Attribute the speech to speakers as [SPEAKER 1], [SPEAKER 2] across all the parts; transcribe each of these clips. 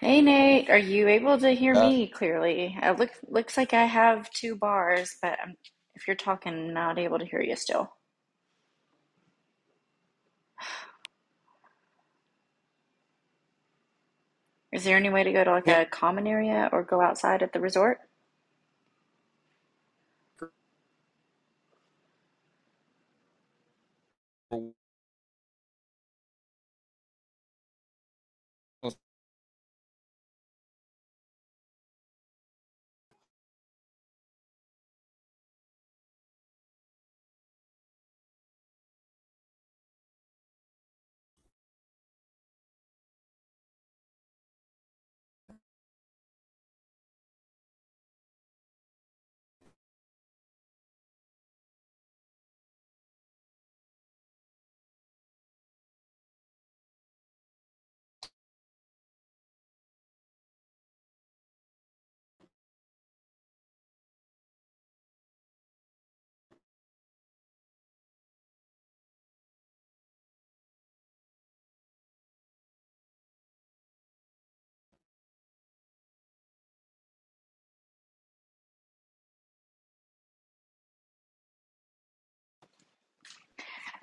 [SPEAKER 1] Hey Nate, are you able to hear me clearly? It look, looks like I have two bars, but I'm, if you're talking, not able to hear you still. Is there any way to go to like a common area or go outside at the resort?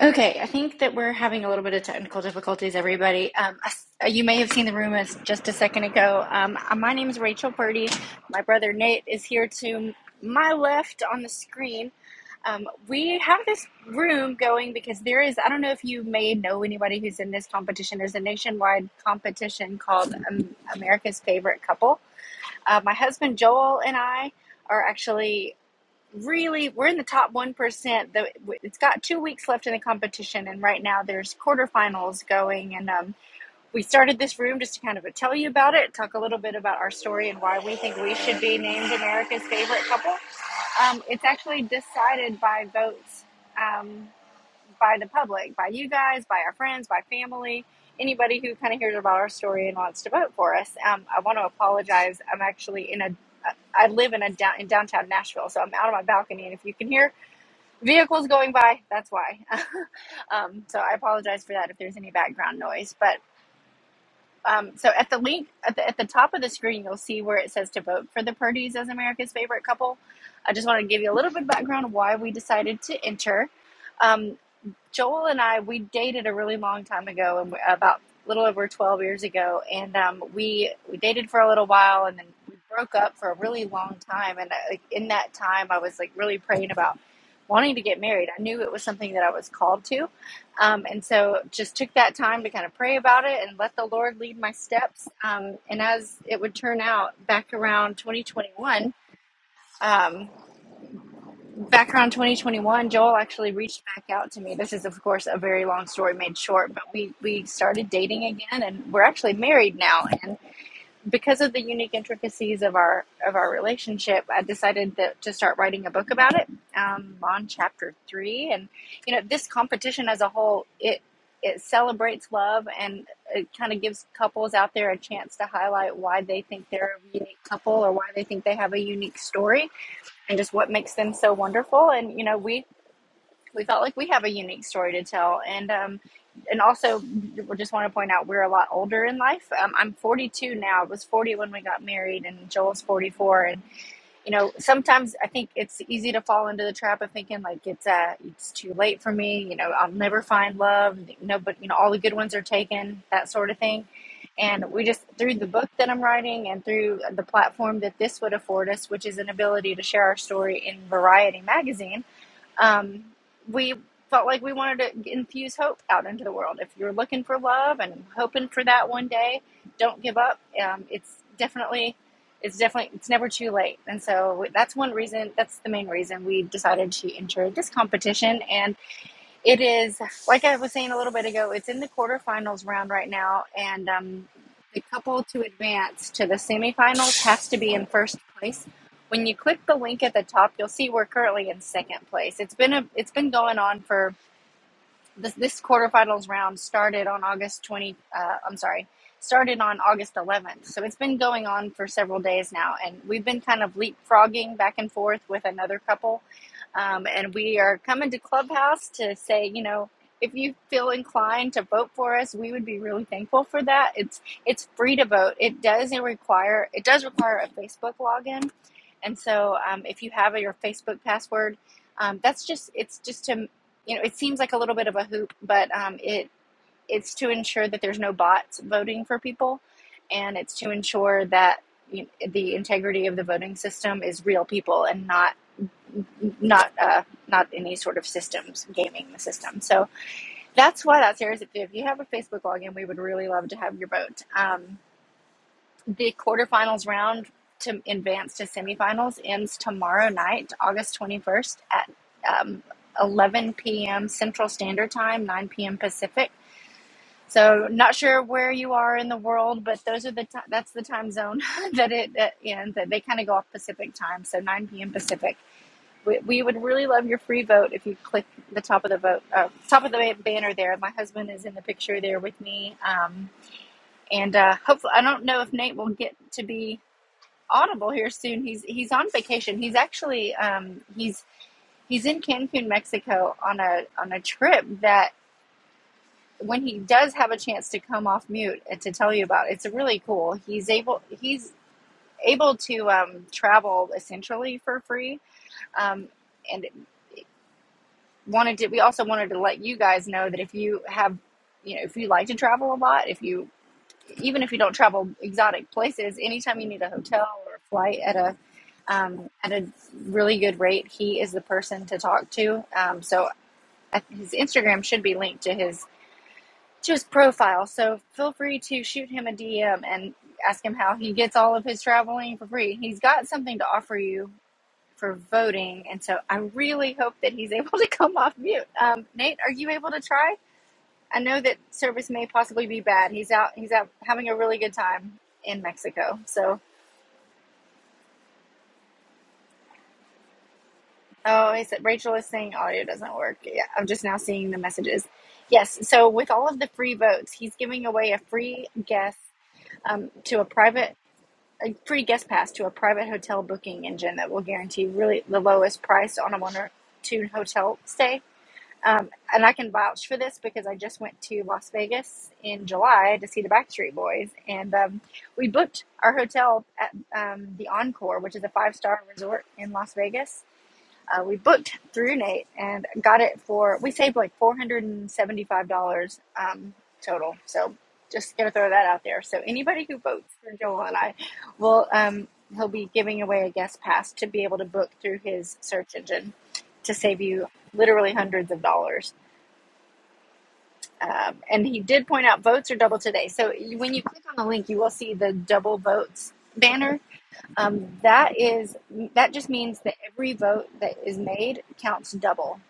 [SPEAKER 1] Okay, I think that we're having a little bit of technical difficulties, everybody. Um, you may have seen the room as just a second ago. Um, uh, my name is Rachel Purdy. My brother Nate is here to my left on the screen. Um, we have this room going because there is, I don't know if you may know anybody who's in this competition. There's a nationwide competition called um, America's Favorite Couple. Uh, my husband Joel and I are actually really we're in the top 1% the, it's got two weeks left in the competition and right now there's quarterfinals going and um, we started this room just to kind of tell you about it talk a little bit about our story and why we think we should be named america's favorite couple um, it's actually decided by votes Um, by the public, by you guys, by our friends, by family, anybody who kind of hears about our story and wants to vote for us. Um, I want to apologize. I'm actually in a I live in a down, in downtown Nashville, so I'm out on my balcony, and if you can hear vehicles going by, that's why. um, so I apologize for that if there's any background noise. But um, so at the link at the, at the top of the screen, you'll see where it says to vote for the Purdy's as America's favorite couple. I just want to give you a little bit of background why we decided to enter. Um, Joel and I, we dated a really long time ago, and about a little over 12 years ago. And um, we, we dated for a little while and then we broke up for a really long time. And I, like, in that time, I was like really praying about wanting to get married. I knew it was something that I was called to. Um, and so just took that time to kind of pray about it and let the Lord lead my steps. Um, and as it would turn out, back around 2021, um, back around 2021 joel actually reached back out to me this is of course a very long story made short but we we started dating again and we're actually married now and because of the unique intricacies of our of our relationship i decided that, to start writing a book about it um, on chapter three and you know this competition as a whole it it celebrates love and it kind of gives couples out there a chance to highlight why they think they're a unique couple or why they think they have a unique story and just what makes them so wonderful. And you know, we we felt like we have a unique story to tell, and um, and also we just want to point out we're a lot older in life. Um, I'm 42 now. I was 40 when we got married, and Joel's 44, And you know, sometimes I think it's easy to fall into the trap of thinking like it's uh it's too late for me, you know, I'll never find love, you know, but you know, all the good ones are taken, that sort of thing. And we just through the book that I'm writing and through the platform that this would afford us, which is an ability to share our story in Variety magazine, um, we felt like we wanted to infuse hope out into the world. If you're looking for love and hoping for that one day, don't give up. Um, it's definitely, it's definitely, it's never too late. And so that's one reason. That's the main reason we decided to enter this competition. And it is, like I was saying a little bit ago, it's in the quarterfinals round right now, and um, the couple to advance to the semifinals has to be in first place. When you click the link at the top, you'll see we're currently in second place. It's been a, it's been going on for this this quarterfinals round started on August 20 uh, I'm sorry started on August 11th so it's been going on for several days now and we've been kind of leapfrogging back and forth with another couple um, and we are coming to Clubhouse to say you know if you feel inclined to vote for us we would be really thankful for that it's it's free to vote it does require it does require a Facebook login and so um, if you have a, your Facebook password um, that's just it's just to you know, it seems like a little bit of a hoop, but um, it it's to ensure that there's no bots voting for people, and it's to ensure that you know, the integrity of the voting system is real people and not not uh, not any sort of systems gaming the system. So that's why that's series. If you have a Facebook login, we would really love to have your vote. Um, the quarterfinals round to advance to semifinals ends tomorrow night, August 21st at um, 11 p.m. Central Standard Time, 9 p.m. Pacific. So, not sure where you are in the world, but those are the ti that's the time zone that it that ends. That they kind of go off Pacific time, so 9 p.m. Pacific. We, we would really love your free vote if you click the top of the vote uh, top of the ba- banner there. My husband is in the picture there with me. Um, and uh, hopefully, I don't know if Nate will get to be Audible here soon. He's he's on vacation. He's actually um, he's he's in Cancun, Mexico, on a on a trip that when he does have a chance to come off mute and to tell you about, it's really cool. He's able he's able to um, travel essentially for free, um, and wanted to. We also wanted to let you guys know that if you have you know if you like to travel a lot, if you even if you don't travel exotic places, anytime you need a hotel or a flight at a um, at a really good rate, he is the person to talk to. Um, so his Instagram should be linked to his to his profile. So feel free to shoot him a DM and ask him how he gets all of his traveling for free. He's got something to offer you for voting, and so I really hope that he's able to come off mute. Um, Nate, are you able to try? I know that service may possibly be bad. He's out. He's out having a really good time in Mexico. So, oh, he said Rachel is saying audio doesn't work. Yeah, I'm just now seeing the messages. Yes. So with all of the free votes, he's giving away a free guest um, to a private, a free guest pass to a private hotel booking engine that will guarantee really the lowest price on a one or two hotel stay Um, and I can vouch for this because I just went to Las Vegas in July to see the Backstreet Boys, and um, we booked our hotel at um, the Encore, which is a five-star resort in Las Vegas. Uh, we booked through Nate and got it for we saved like four hundred and seventy-five dollars um, total. So just gonna throw that out there. So anybody who votes for Joel and I will um, he'll be giving away a guest pass to be able to book through his search engine to save you literally hundreds of dollars. Um, and he did point out votes are double today. So when you click on the link, you will see the double votes banner. Um, that is that just means that every vote that is made counts double.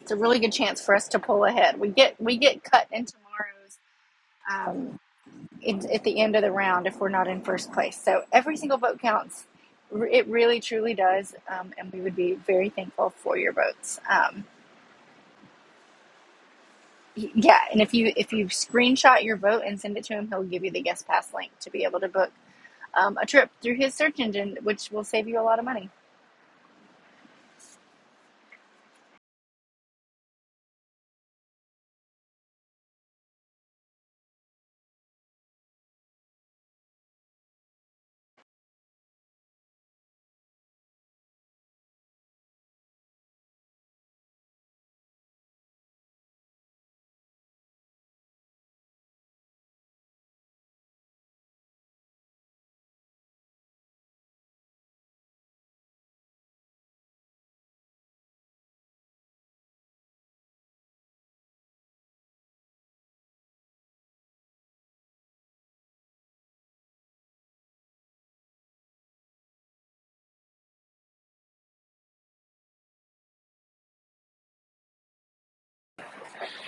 [SPEAKER 1] It's a really good chance for us to pull ahead. We get we get cut in tomorrow's um, it, at the end of the round if we're not in first place. So every single vote counts. It really truly does, um, and we would be very thankful for your votes. Um, Yeah, and if you if you screenshot your vote and send it to him, he'll give you the guest pass link to be able to book um, a trip through his search engine, which will save you a lot of money.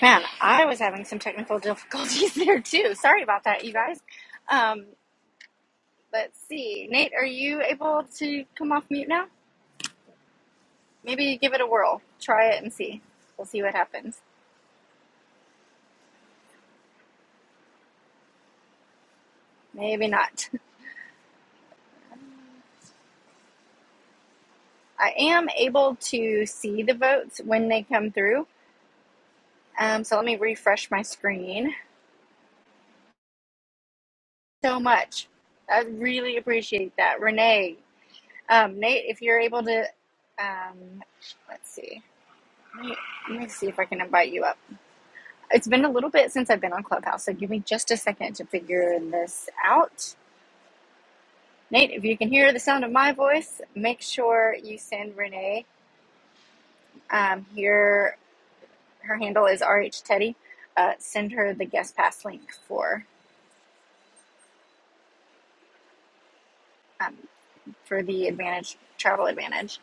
[SPEAKER 1] Man, I was having some technical difficulties there too. Sorry about that, you guys. Um, let's see, Nate, are you able to come off mute now? Maybe give it a whirl. Try it and see. We'll see what happens. Maybe not. I am able to see the votes when they come through. Um, so let me refresh my screen. so much. I really appreciate that, Renee. Um, Nate, if you're able to, um, let's see. Let me let me see if I can invite you up. It's been a little bit since I've been on Clubhouse, so give me just a second to figure this out. Nate, if you can hear the sound of my voice, make sure you send Renee. Um, here, her handle is RH Teddy. Uh, send her the guest pass link for um, for the Advantage Travel Advantage.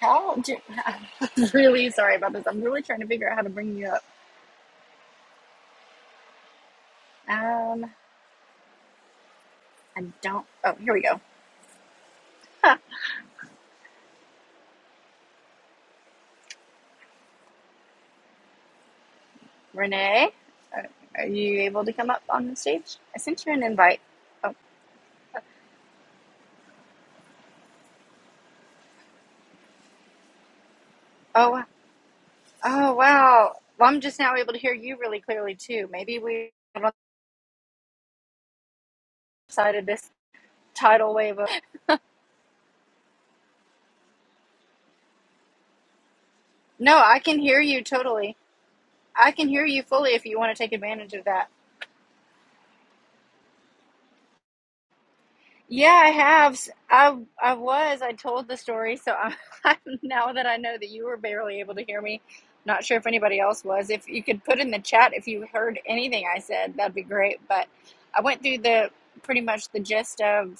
[SPEAKER 1] How do I'm really sorry about this. I'm really trying to figure out how to bring you up. Um, I don't. Oh, here we go. Renee, are are you able to come up on the stage? I sent you an invite. Oh, oh, oh, wow. Well, I'm just now able to hear you really clearly too. Maybe we decided this tidal wave of. No, I can hear you totally. I can hear you fully if you want to take advantage of that. Yeah, I have. S- I I was. I told the story, so I'm, I'm now that I know that you were barely able to hear me. Not sure if anybody else was. If you could put in the chat if you heard anything I said, that'd be great. But I went through the pretty much the gist of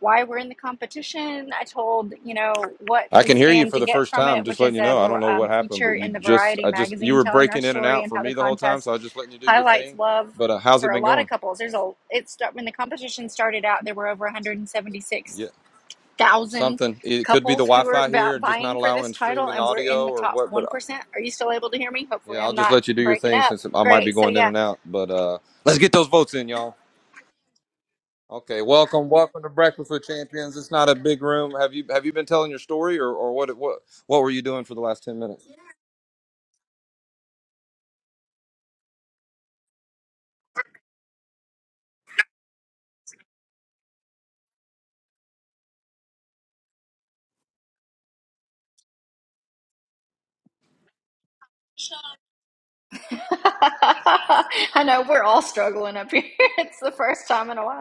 [SPEAKER 1] why we're in the competition. I told, you know, what
[SPEAKER 2] I
[SPEAKER 1] we
[SPEAKER 2] can hear you
[SPEAKER 1] stand
[SPEAKER 2] for
[SPEAKER 1] to
[SPEAKER 2] the
[SPEAKER 1] get
[SPEAKER 2] first
[SPEAKER 1] from
[SPEAKER 2] time.
[SPEAKER 1] it,
[SPEAKER 2] Just
[SPEAKER 1] which
[SPEAKER 2] letting
[SPEAKER 1] is
[SPEAKER 2] you
[SPEAKER 1] a
[SPEAKER 2] know, I don't know
[SPEAKER 1] um,
[SPEAKER 2] what happened,
[SPEAKER 1] feature
[SPEAKER 2] but you
[SPEAKER 1] in the
[SPEAKER 2] just,
[SPEAKER 1] Variety
[SPEAKER 2] I just, you
[SPEAKER 1] magazine
[SPEAKER 2] were
[SPEAKER 1] telling our
[SPEAKER 2] breaking in and
[SPEAKER 1] story
[SPEAKER 2] out
[SPEAKER 1] and
[SPEAKER 2] for
[SPEAKER 1] how
[SPEAKER 2] me
[SPEAKER 1] the
[SPEAKER 2] the whole time, so
[SPEAKER 1] contest
[SPEAKER 2] I was just letting you do your
[SPEAKER 1] highlights
[SPEAKER 2] thing.
[SPEAKER 1] love
[SPEAKER 2] But uh, how's
[SPEAKER 1] for
[SPEAKER 2] it
[SPEAKER 1] a
[SPEAKER 2] been
[SPEAKER 1] lot of
[SPEAKER 2] going?
[SPEAKER 1] couples. There's a it when the competition started out, there were over
[SPEAKER 2] Yeah,
[SPEAKER 1] 176,000
[SPEAKER 2] something. It could be the
[SPEAKER 1] couples who were
[SPEAKER 2] Wi-Fi
[SPEAKER 1] va-
[SPEAKER 2] here, and just not
[SPEAKER 1] vying for this
[SPEAKER 2] allowing
[SPEAKER 1] title
[SPEAKER 2] streaming
[SPEAKER 1] and we're in
[SPEAKER 2] audio
[SPEAKER 1] the
[SPEAKER 2] or
[SPEAKER 1] top
[SPEAKER 2] what. But uh,
[SPEAKER 1] 1%. Are you still able to hear me?
[SPEAKER 2] yeah,
[SPEAKER 1] Hopefully
[SPEAKER 2] I'll
[SPEAKER 1] I'm
[SPEAKER 2] just
[SPEAKER 1] not
[SPEAKER 2] let you do your
[SPEAKER 1] breaking
[SPEAKER 2] thing
[SPEAKER 1] up.
[SPEAKER 2] since I might be
[SPEAKER 1] Great. So
[SPEAKER 2] going in
[SPEAKER 1] yeah.
[SPEAKER 2] and out. But uh let's get those votes in, y'all. Okay, welcome, welcome to Breakfast with Champions. It's not a big room. Have you have you been telling your story, or or what what what were you doing for the last ten minutes?
[SPEAKER 1] I know we're all struggling up here. It's the first time in a while.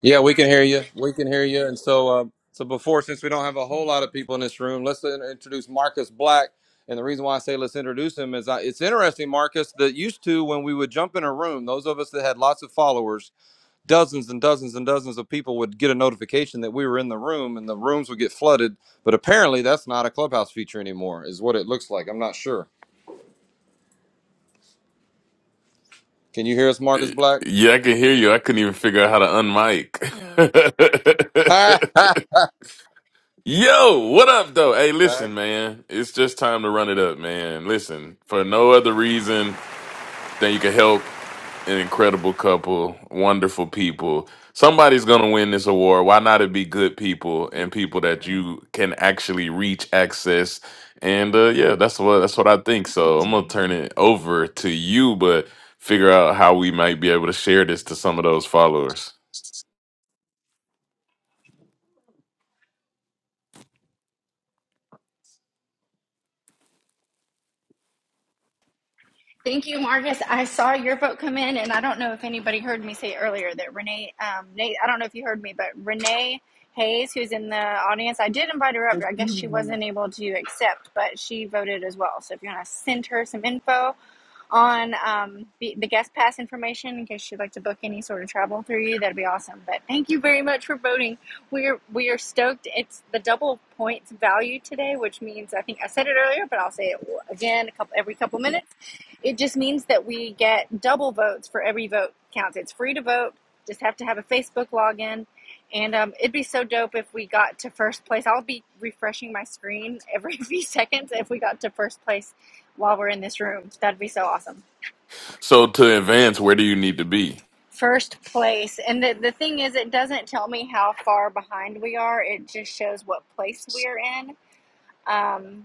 [SPEAKER 2] Yeah, we can hear you. We can hear you. And so, uh, so before, since we don't have a whole lot of people in this room, let's in- introduce Marcus Black. And the reason why I say let's introduce him is I, it's interesting, Marcus, that used to when we would jump in a room, those of us that had lots of followers, dozens and dozens and dozens of people would get a notification that we were in the room, and the rooms would get flooded. But apparently, that's not a clubhouse feature anymore, is what it looks like. I'm not sure. Can you hear us, Marcus Black?
[SPEAKER 3] Yeah, I can hear you. I couldn't even figure out how to unmic. Yo, what up, though? Hey,
[SPEAKER 2] Back
[SPEAKER 3] listen, man. It's just time to run it up, man. Listen, for no other reason than you can help an incredible couple, wonderful people. Somebody's going to win this award. Why not it be good people and people that you can actually reach, access, and uh, yeah, that's what that's what I think. So I'm gonna turn it over to you, but figure out how we might be able to share this to some of those followers.
[SPEAKER 1] Thank you, Marcus. I saw your vote come in, and I don't know if anybody heard me say earlier that Renee, um, Nate, I don't know if you heard me, but Renee Hayes, who's in the audience, I did invite her up, but I guess she
[SPEAKER 4] Team.
[SPEAKER 1] wasn't able to accept, but she voted as well. So if you want to send her some info on um, the, the guest pass information in case you'd like to book any sort of travel through you, that'd be awesome. But thank you very much for voting. We are we are stoked. It's the double points value today, which means I think I said it earlier, but I'll say it again a couple every couple minutes it just means that we get double votes for every vote counts. It's free to vote. Just have to have a Facebook login. And um, it'd be so dope if we got to first place. I'll be refreshing my screen every few seconds if we got to first place while we're in this room. That'd be so awesome.
[SPEAKER 3] So to advance, where do you need to be?
[SPEAKER 1] First place. And the, the thing is, it doesn't tell me how far behind we are, it just shows what place we're in. Um,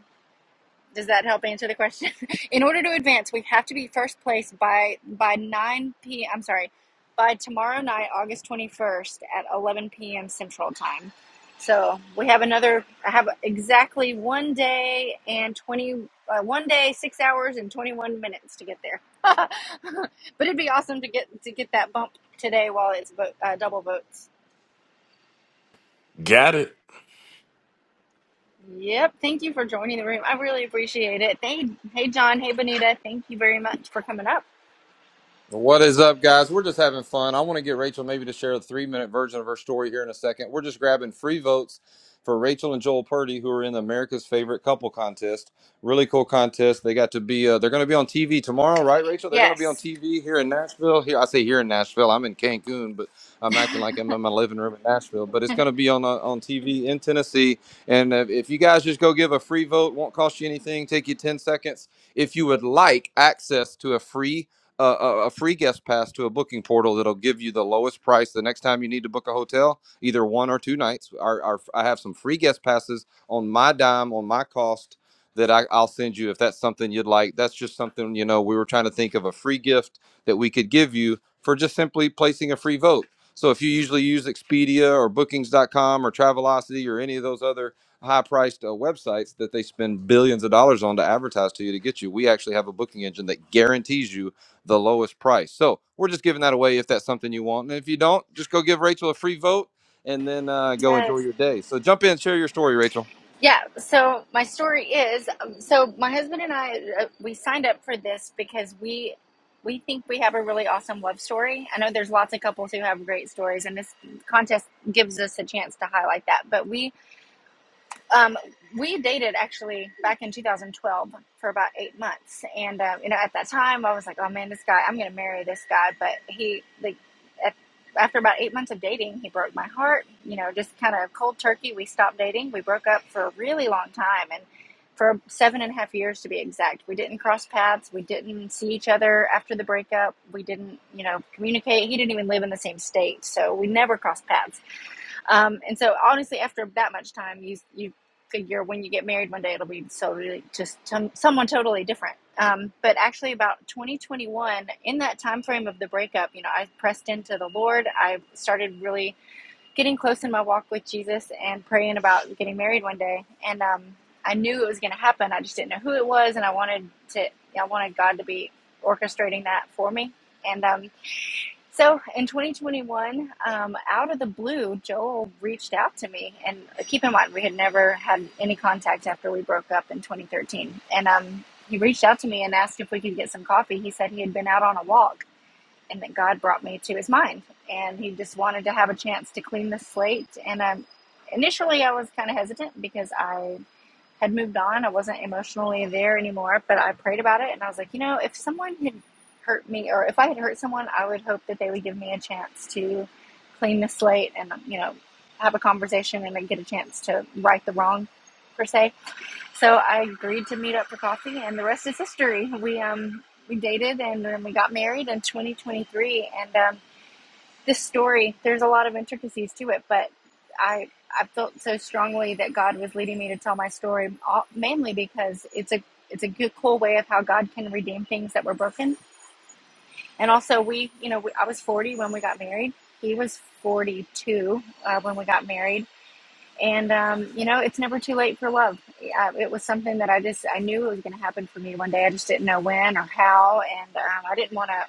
[SPEAKER 1] Does that help answer the question? In order to advance, we have to be first place by by 9 p. I'm sorry, by tomorrow night, August 21st at 11 p.m. Central Time. So we have another. I have exactly one day and 20. Uh, one day, six hours and 21 minutes to get there. but it'd be awesome to get to get that bump today while it's vo- uh, double votes.
[SPEAKER 3] Got it.
[SPEAKER 1] Yep. Thank you for joining the room. I really appreciate it. Hey, hey, John. Hey, Bonita. Thank you very much for coming up.
[SPEAKER 2] What is up, guys? We're just having fun. I want to get Rachel maybe to share a three minute version of her story here in a second. We're just grabbing free votes for Rachel and Joel Purdy, who are in the America's Favorite Couple contest. Really cool contest. They got to be, uh, they're going to be on TV tomorrow, right, Rachel? They're going to be on
[SPEAKER 1] Yes.
[SPEAKER 2] TV here in Nashville. Here, I say here in Nashville. I'm in Cancun, but I'm acting like I'm in my living room in Nashville. But it's going to be on uh, on TV in Tennessee. And uh, if you guys just go give a free vote, won't cost you anything, take you 10 seconds if you would like access to a free a, a free guest pass to a booking portal that'll give you the lowest price the next time you need to book a hotel, either one or two nights. Our, our, I have some free guest passes on my dime, on my cost that I, I'll send you if that's something you'd like. That's just something, you know, we were trying to think of a free gift that we could give you for just simply placing a free vote. So if you usually use Expedia or bookings.com or Travelocity or any of those other high priced uh, websites that they spend billions of dollars on to advertise to you to get you, we actually have a booking engine that guarantees you the lowest price. So we're just giving that away if that's something you want. And if you don't, just go give Rachel a free vote and then uh, go enjoy
[SPEAKER 1] Yes.
[SPEAKER 2] your day. So jump in, share your story, Rachel.
[SPEAKER 1] Yeah. So my story is um, so my husband and I uh, we signed up for this because we we think we have a really awesome love story. I know there's lots of couples who have great stories and this contest gives us a chance to highlight that. But we Um, we dated actually back in 2012 for about eight months, and uh, you know, at that time, I was like, "Oh man, this guy, I'm gonna marry this guy." But he, like, at, after about eight months of dating, he broke my heart. You know, just kind of cold turkey. We stopped dating. We broke up for a really long time, and for seven and a half years to be exact. We didn't cross paths. We didn't see each other after the breakup. We didn't, you know, communicate. He didn't even live in the same state, so we never crossed paths um, and so honestly, after that much time, you you figure when you get married one day it'll be totally just some someone totally different. Um, but actually, about 2021, in that time frame of the breakup, you know, I pressed into the Lord. I started really getting close in my walk with Jesus and praying about getting married one day. And um, I knew it was going to happen. I just didn't know who it was, and I wanted to. I wanted God to be orchestrating that for me. And um, so in 2021, um, out of the blue, Joel reached out to me. And uh, keep in mind, we had never had any contact after we broke up in 2013. And um, he reached out to me and asked if we could get some coffee. He said he had been out on a walk and that God brought me to his mind. And he just wanted to have a chance to clean the slate. And um, initially, I was kind of hesitant because I had moved on. I wasn't emotionally there anymore, but I prayed about it and I was like, you know, if someone had hurt me or if I had hurt someone, I would hope that they would give me a chance to clean the slate and, you know, have a conversation and then get a chance to right the wrong per se. So I agreed to meet up for coffee and the rest is history. We, um, we dated and then we got married in 2023 and, um, this story there's a lot of intricacies to it but i i felt so strongly that god was leading me to tell my story uh, mainly because it's a it's a good cool way of how god can redeem things that were broken and also we you know we, i was 40 when we got married he was 42 uh, when we got married and um, you know it's never too late for love uh, it was something that i just i knew it was going to happen for me one day i just didn't know when or how and um, i didn't want to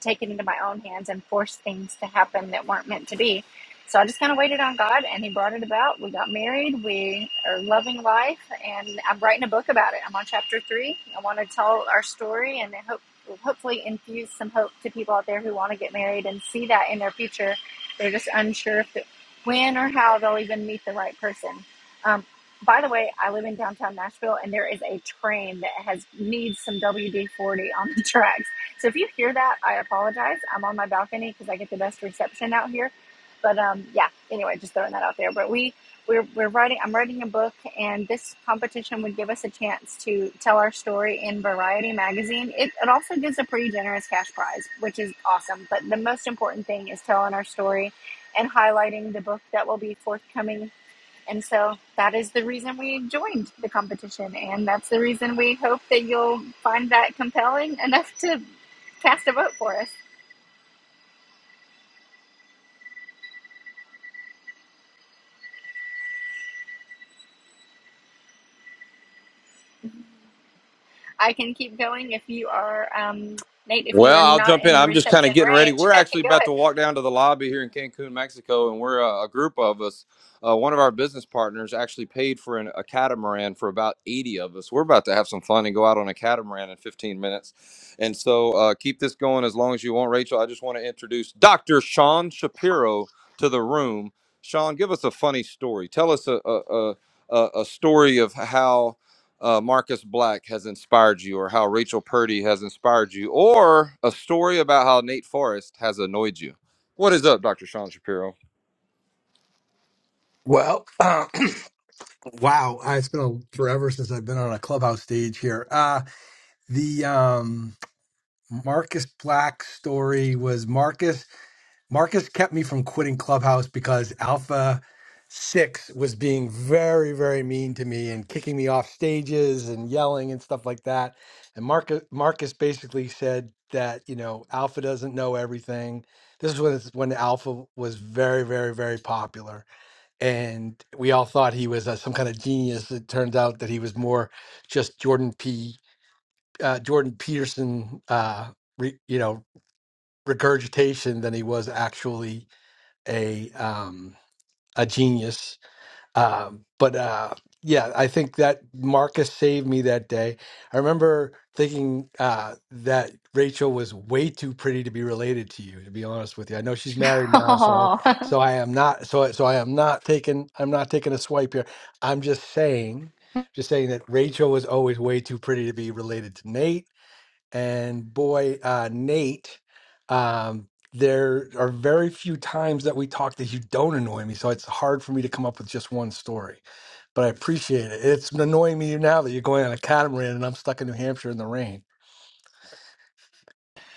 [SPEAKER 1] take it into my own hands and force things to happen that weren't meant to be. So I just kind of waited on God and He brought it about. We got married. We are loving life. And I'm writing a book about it. I'm on chapter three. I want to tell our story and I hope, hopefully infuse some hope to people out there who want to get married and see that in their future. They're just unsure if they- when or how they'll even meet the right person. Um, by the way, I live in downtown Nashville, and there is a train that has needs some WD forty on the tracks so if you hear that, I apologize. I'm on my balcony because I get the best reception out here. But um, yeah, anyway, just throwing that out there. But we we're, we're writing. I'm writing a book, and this competition would give us a chance to tell our story in Variety magazine. It, it also gives a pretty generous cash prize, which is awesome. But the most important thing is telling our story and highlighting the book that will be forthcoming and so that is the reason we joined the competition. And that's the reason we hope that you'll find that compelling enough to cast a vote for us. I can keep going if you are, um, Nate, if you
[SPEAKER 2] Well,
[SPEAKER 1] are
[SPEAKER 2] I'll
[SPEAKER 1] not
[SPEAKER 2] jump in.
[SPEAKER 1] in
[SPEAKER 2] I'm just kind
[SPEAKER 1] reception
[SPEAKER 2] of getting ready.
[SPEAKER 1] range,
[SPEAKER 2] We're actually
[SPEAKER 1] go
[SPEAKER 2] about to
[SPEAKER 1] ahead.
[SPEAKER 2] walk down to the lobby here in Cancun, Mexico, and we're uh, a group of us. Uh, one of our business partners actually paid for an, a catamaran for about 80 of us. We're about to have some fun and go out on a catamaran in 15 minutes. And so uh, keep this going as long as you want, Rachel. I just want to introduce Dr. Sean Shapiro to the room. Sean, give us a funny story. Tell us a, a, a, a a story of how uh, Marcus Black has inspired you, or how Rachel Purdy has inspired you, or a story about how Nate Forrest has annoyed you. What is up, Dr. Sean Shapiro?
[SPEAKER 5] Well, uh, wow, I- it's been a, forever since I've been on a clubhouse stage here. Uh, the um, Marcus Black story was Marcus. Marcus kept me from quitting clubhouse because Alpha Six was being very, very mean to me and kicking me off stages and yelling and stuff like that. And Marcus, Marcus basically said that you know Alpha doesn't know everything. This is when it's- when Alpha was very, very, very popular and we all thought he was uh, some kind of genius. It turns out that he was more just Jordan P. Uh, Jordan Peterson, uh, re, you know, regurgitation than he was actually a um, a genius. Um, but uh, yeah, I think that Marcus saved me that day. I remember thinking uh, that Rachel was way too pretty to be related to you. To be honest with you, I know she's married now, so I,
[SPEAKER 1] Oh,
[SPEAKER 5] so I am not so I- so I am not taking I'm not taking a swipe here. I'm just saying, just saying that Rachel was always way too pretty to be related to Nate and boy uh, Nate, um, there are very few times that we talk that you don't annoy me, so it's hard for me to come up with just one story. But I appreciate it. It's annoying me now that you're going on a catamaran and I'm stuck in New Hampshire in the rain.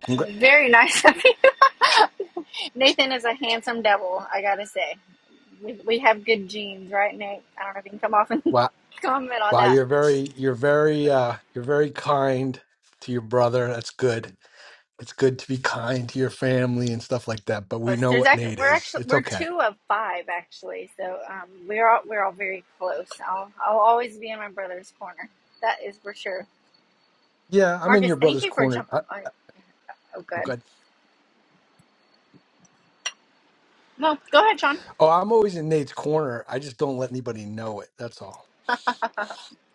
[SPEAKER 5] Congra-
[SPEAKER 1] very nice of you. Nathan is a handsome devil, I gotta say. We, we have good genes, right, Nate? I don't know if you can come off and
[SPEAKER 5] Wow,
[SPEAKER 1] comment on
[SPEAKER 5] wow,
[SPEAKER 1] that.
[SPEAKER 5] you're very, you're very, uh, you're very kind to your brother. That's good. It's good to be kind to your family and stuff like that. But we
[SPEAKER 1] close.
[SPEAKER 5] know
[SPEAKER 1] There's
[SPEAKER 5] what
[SPEAKER 1] actually
[SPEAKER 5] Nate
[SPEAKER 1] we're
[SPEAKER 5] is.
[SPEAKER 1] actually
[SPEAKER 5] It's
[SPEAKER 1] we're
[SPEAKER 5] okay.
[SPEAKER 1] two of five actually, so um, we're all we're all very close. I'll I'll always be in my brother's corner. That is for sure.
[SPEAKER 5] Yeah, I'm in
[SPEAKER 1] Marcus,
[SPEAKER 5] your
[SPEAKER 1] thank
[SPEAKER 5] brother's
[SPEAKER 1] you for
[SPEAKER 5] corner.
[SPEAKER 1] jumping. Oh, oh good.
[SPEAKER 5] I,
[SPEAKER 1] No, go ahead, Sean.
[SPEAKER 5] Oh, I'm always in Nate's corner. I just don't let anybody know it. That's all.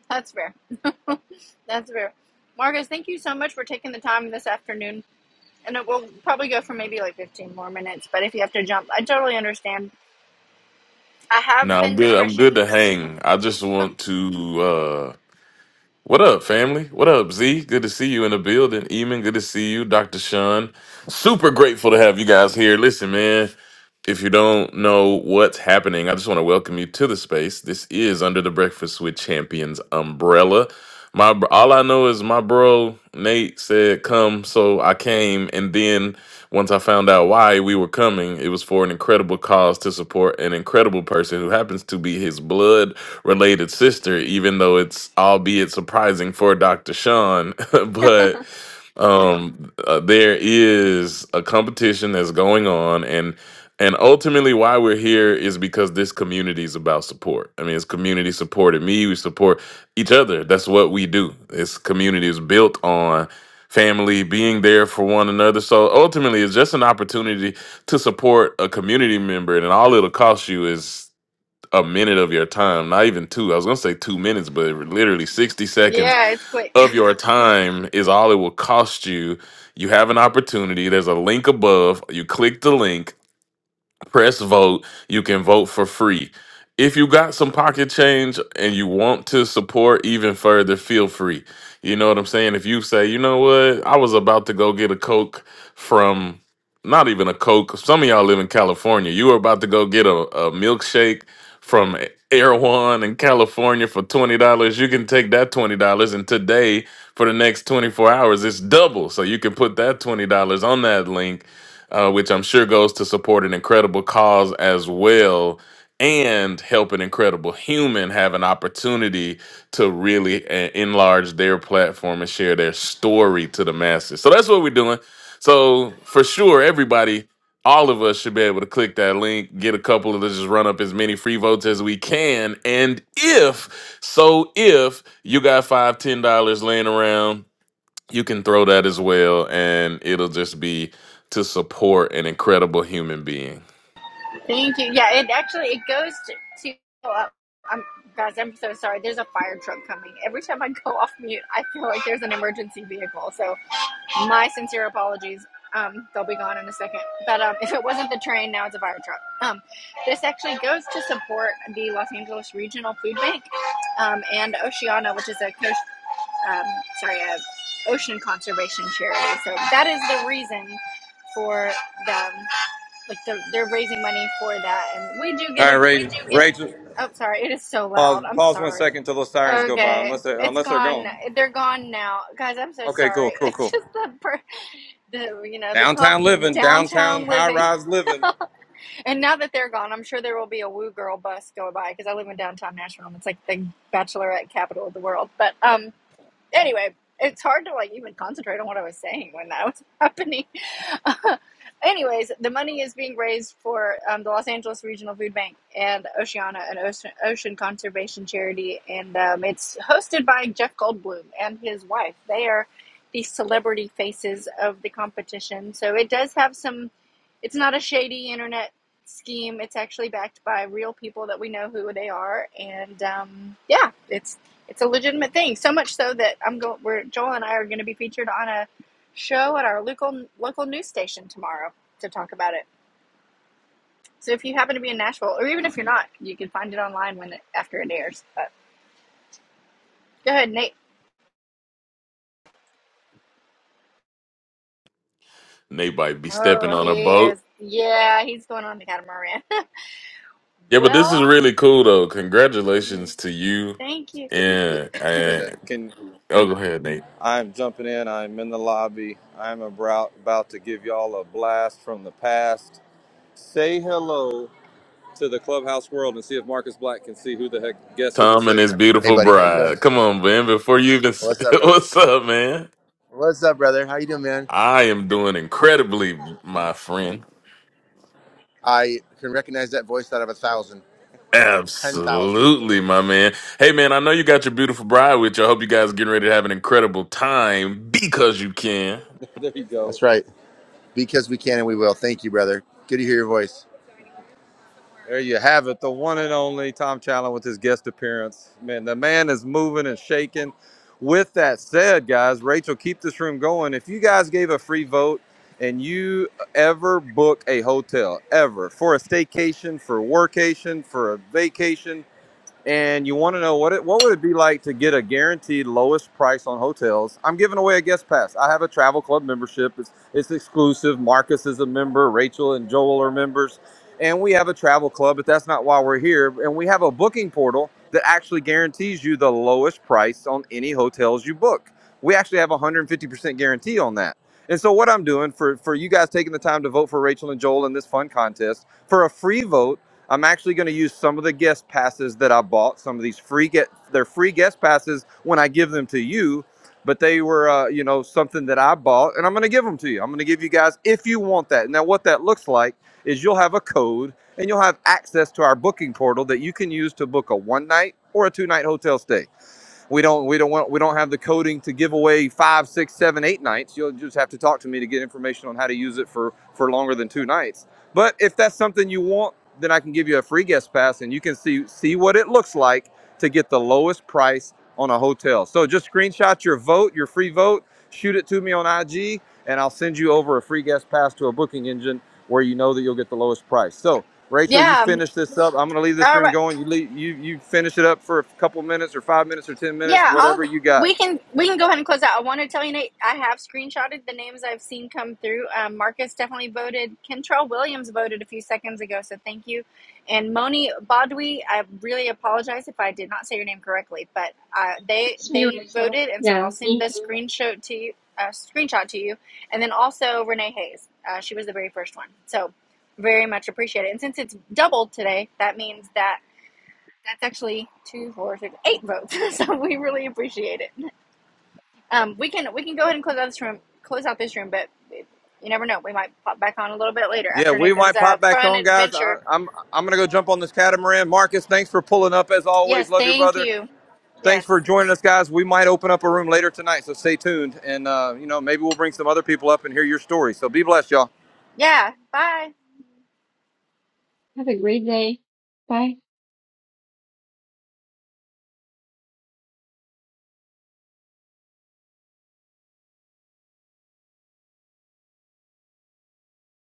[SPEAKER 1] That's fair. That's fair. Marcus, thank you so much for taking the time this afternoon. And it will probably go for maybe like 15 more minutes, but if you have to jump, I totally understand. I
[SPEAKER 3] No,
[SPEAKER 1] have
[SPEAKER 3] I'm
[SPEAKER 1] been
[SPEAKER 3] good. I'm good
[SPEAKER 1] refreshing.
[SPEAKER 3] to hang. I just want to uh what up, family? What up, Z? Good to see you in the building. Eamon, good to see you. Dr. Sean. Super grateful to have you guys here. Listen, man. If you don't know what's happening, I just want to welcome you to the space. This is Under the Breakfast with Champions umbrella. My br- all I know is my bro Nate said come, so I came, and then once I found out why we were coming, it was for an incredible cause to support an incredible person who happens to be his blood related sister, even though it's albeit surprising for Dr. Sean, but um uh, there is a competition that's going on and and ultimately why we're here is because this community is about support i mean it's community supported me we support each other that's what we do this community is built on family being there for one another so ultimately it's just an opportunity to support a community member and all it'll cost you is a minute of your time not even two i was gonna say two minutes but literally 60 seconds
[SPEAKER 1] Yeah, it's quick.
[SPEAKER 3] of your time is all it will cost you. You have an opportunity. There's a link above. You click the link press vote. You can vote for free. If you got some pocket change and you want to support even further, feel free. You know what I'm saying? If you say, you know what, I was about to go get a Coke from not even a Coke. Some of y'all live in California. You were about to go get a, a milkshake from Air One in California for $20. You can take that $20 and today for the next 24 hours, it's double. So you can put that $20 on that link uh, which I'm sure goes to support an incredible cause as well and help an incredible human have an opportunity to really uh, enlarge their platform and share their story to the masses. So that's what we're doing. So for sure, everybody, all of us should be able to click that link, get a couple of us, just run up as many free votes as we can. And if, so if you got five, ten dollars laying around you can throw that as well and it'll just be to support an incredible human being
[SPEAKER 1] Thank you. Yeah, it actually it goes to. to uh, I'm, guys, I'm so sorry. There's a fire truck coming. Every time I go off mute, I feel like there's an emergency vehicle. So my sincere apologies. Um, they'll be gone in a second. But um, if it wasn't the train, now it's a fire truck. Um, this actually goes to support the Los Angeles Regional Food Bank um, and Oceana, which is a coast, um, sorry, a ocean conservation charity. So that is the reason for them like the, they're raising money for that and we do get a
[SPEAKER 2] All
[SPEAKER 1] we
[SPEAKER 2] right,
[SPEAKER 1] do get
[SPEAKER 2] Rachel. Rachel,
[SPEAKER 1] oh sorry it is so
[SPEAKER 2] pause.
[SPEAKER 1] loud i'm
[SPEAKER 2] Pause one
[SPEAKER 1] sorry
[SPEAKER 2] second till those sirens go by,
[SPEAKER 1] okay
[SPEAKER 2] unless they're
[SPEAKER 1] it's
[SPEAKER 2] unless they're
[SPEAKER 1] gone
[SPEAKER 2] gone.
[SPEAKER 1] they're gone now guys i'm so
[SPEAKER 2] Okay, cool,
[SPEAKER 1] sorry
[SPEAKER 2] cool,
[SPEAKER 1] it's
[SPEAKER 2] cool.
[SPEAKER 1] just the per- the you know the call
[SPEAKER 2] Downtown living, downtown
[SPEAKER 1] downtown
[SPEAKER 2] high
[SPEAKER 1] living
[SPEAKER 2] rise living.
[SPEAKER 1] and now that they're gone i'm sure there will be a woo girl bus go by because i live in downtown nashville and it's like the bachelorette capital of the world but um anyway, it's hard to like even concentrate on what I was saying when that was happening. Anyways, the money is being raised for um, the Los Angeles Regional Food Bank and Oceana, an ocean, ocean conservation charity, and um, it's hosted by Jeff Goldblum and his wife. They are the celebrity faces of the competition, so it does have some. It's not a shady internet scheme. It's actually backed by real people that we know who they are, and um, yeah, it's it's a legitimate thing. So much so that I'm going. Where Joel and I are going to be featured on a show at our local local news station tomorrow to talk about it. So if you happen to be in Nashville, or even if you're not, you can find it online when it, after it airs. But go ahead, Nate.
[SPEAKER 3] they might be
[SPEAKER 1] Oh,
[SPEAKER 3] stepping on a
[SPEAKER 1] he
[SPEAKER 3] boat
[SPEAKER 1] is. Yeah, he's going on the catamaran.
[SPEAKER 3] yeah but this is
[SPEAKER 1] well,
[SPEAKER 3] really cool though
[SPEAKER 1] yeah,
[SPEAKER 3] congratulations to you
[SPEAKER 1] thank you.
[SPEAKER 2] Stage here
[SPEAKER 3] and,
[SPEAKER 2] in a minute.
[SPEAKER 3] and
[SPEAKER 2] Can
[SPEAKER 3] oh go ahead nate
[SPEAKER 2] I'm jumping in. I'm in the lobby. I'm about about to give y'all a blast from the past. Say hello to the clubhouse world and see if Marcus Black can see who the heck guess who this
[SPEAKER 3] tom and
[SPEAKER 2] is.
[SPEAKER 3] his
[SPEAKER 2] Hey,
[SPEAKER 3] beautiful
[SPEAKER 2] buddy, how you doing?
[SPEAKER 3] bride come on man before you even say
[SPEAKER 2] What's up, brother?
[SPEAKER 3] what's up man
[SPEAKER 2] What's up, brother? How you doing, man?
[SPEAKER 3] i am doing incredibly my friend
[SPEAKER 2] I can recognize that voice out of a thousand, ten thousand.
[SPEAKER 3] Absolutely, my man. Hey, man, I know you got your beautiful bride with you. I hope you guys are getting ready to have an incredible time because you can.
[SPEAKER 2] There you go. That's right. Because we can and we will. Thank you, brother. Good to hear your voice. There you have it, the one and only Tom Challen with his guest appearance. Man, the man is moving and shaking. With that said, guys, Rachel, keep this room going. If you guys gave a free vote and you ever book a hotel, ever, for a staycation, for a workation, for a vacation, and you want to know what it what would it be like to get a guaranteed lowest price on hotels, I'm giving away a guest pass. I have a travel club membership. It's it's exclusive. Marcus is a member. Rachel and Joel are members, and we have a travel club. But that's not why we're here. And we have a booking portal that actually guarantees you the lowest price on any hotels you book. We actually have a 150% guarantee on that. And so what I'm doing for for you guys taking the time to vote for Rachel and Joel in this fun contest for a free vote. I'm actually going to use some of the guest passes that I bought, some of these free get they're free guest passes when I give them to you, but they were uh, you know something that I bought and I'm going to give them to you. I'm going to give you guys if you want that. Now what that looks like is you'll have a code and you'll have access to our booking portal that you can use to book a one night or a two night hotel stay we don't we don't want we don't have the coding to give away five six seven eight nights you'll just have to talk to me to get information on how to use it for for longer than two nights but if that's something you want then i can give you a free guest pass and you can see see what it looks like to get the lowest price on a hotel so just screenshot your vote your free vote shoot it to me on ig and i'll send you over a free guest pass to a booking engine where you know that you'll get the lowest price so Rachel, you
[SPEAKER 1] Yeah. um,
[SPEAKER 2] finish this up. I'm gonna leave this
[SPEAKER 1] All
[SPEAKER 2] room
[SPEAKER 1] right.
[SPEAKER 2] going. You leave, you you finish it up for a couple minutes or five minutes or ten minutes,
[SPEAKER 1] Yeah,
[SPEAKER 2] whatever
[SPEAKER 1] I'll
[SPEAKER 2] you got.
[SPEAKER 1] we can we can go ahead and close out. I want to tell you, Nate, I have screenshotted the names I've seen come through. Um, Marcus definitely voted. Kentrell Williams voted a few seconds ago, so thank you. And Moni Bodwi, I really apologize if I did not say your name correctly, but uh, they
[SPEAKER 6] That's me,
[SPEAKER 1] they
[SPEAKER 6] Rachel.
[SPEAKER 1] voted, and so
[SPEAKER 6] Yeah,
[SPEAKER 1] I'll send the
[SPEAKER 6] thank you.
[SPEAKER 1] screenshot to you. Uh, screenshot to you, and then also Renee Hayes. Uh, she was the very first one, so very much appreciated. And since it's doubled today, that means that that's actually two, four, six, eight votes. so we really appreciate it. Um, we can we can go ahead and close out this room. Close out this room, but you never know. We might pop back on a little bit later
[SPEAKER 2] Yeah,
[SPEAKER 1] after
[SPEAKER 2] we
[SPEAKER 1] Nathan's
[SPEAKER 2] might
[SPEAKER 1] uh,
[SPEAKER 2] pop back
[SPEAKER 1] fun
[SPEAKER 2] on, guys. I,
[SPEAKER 1] adventure.
[SPEAKER 2] I'm I'm gonna go jump on this catamaran. Marcus, thanks for pulling up as always.
[SPEAKER 1] Yes,
[SPEAKER 2] Love your
[SPEAKER 1] thank
[SPEAKER 2] brother.
[SPEAKER 1] you.
[SPEAKER 2] Thanks for
[SPEAKER 1] Yes.
[SPEAKER 2] joining us, guys. We might open up a room later tonight, so stay tuned. And uh, you know, maybe we'll bring some other people up and hear your story. So be blessed, y'all.
[SPEAKER 1] Yeah. Bye.
[SPEAKER 6] Have a great day. Bye.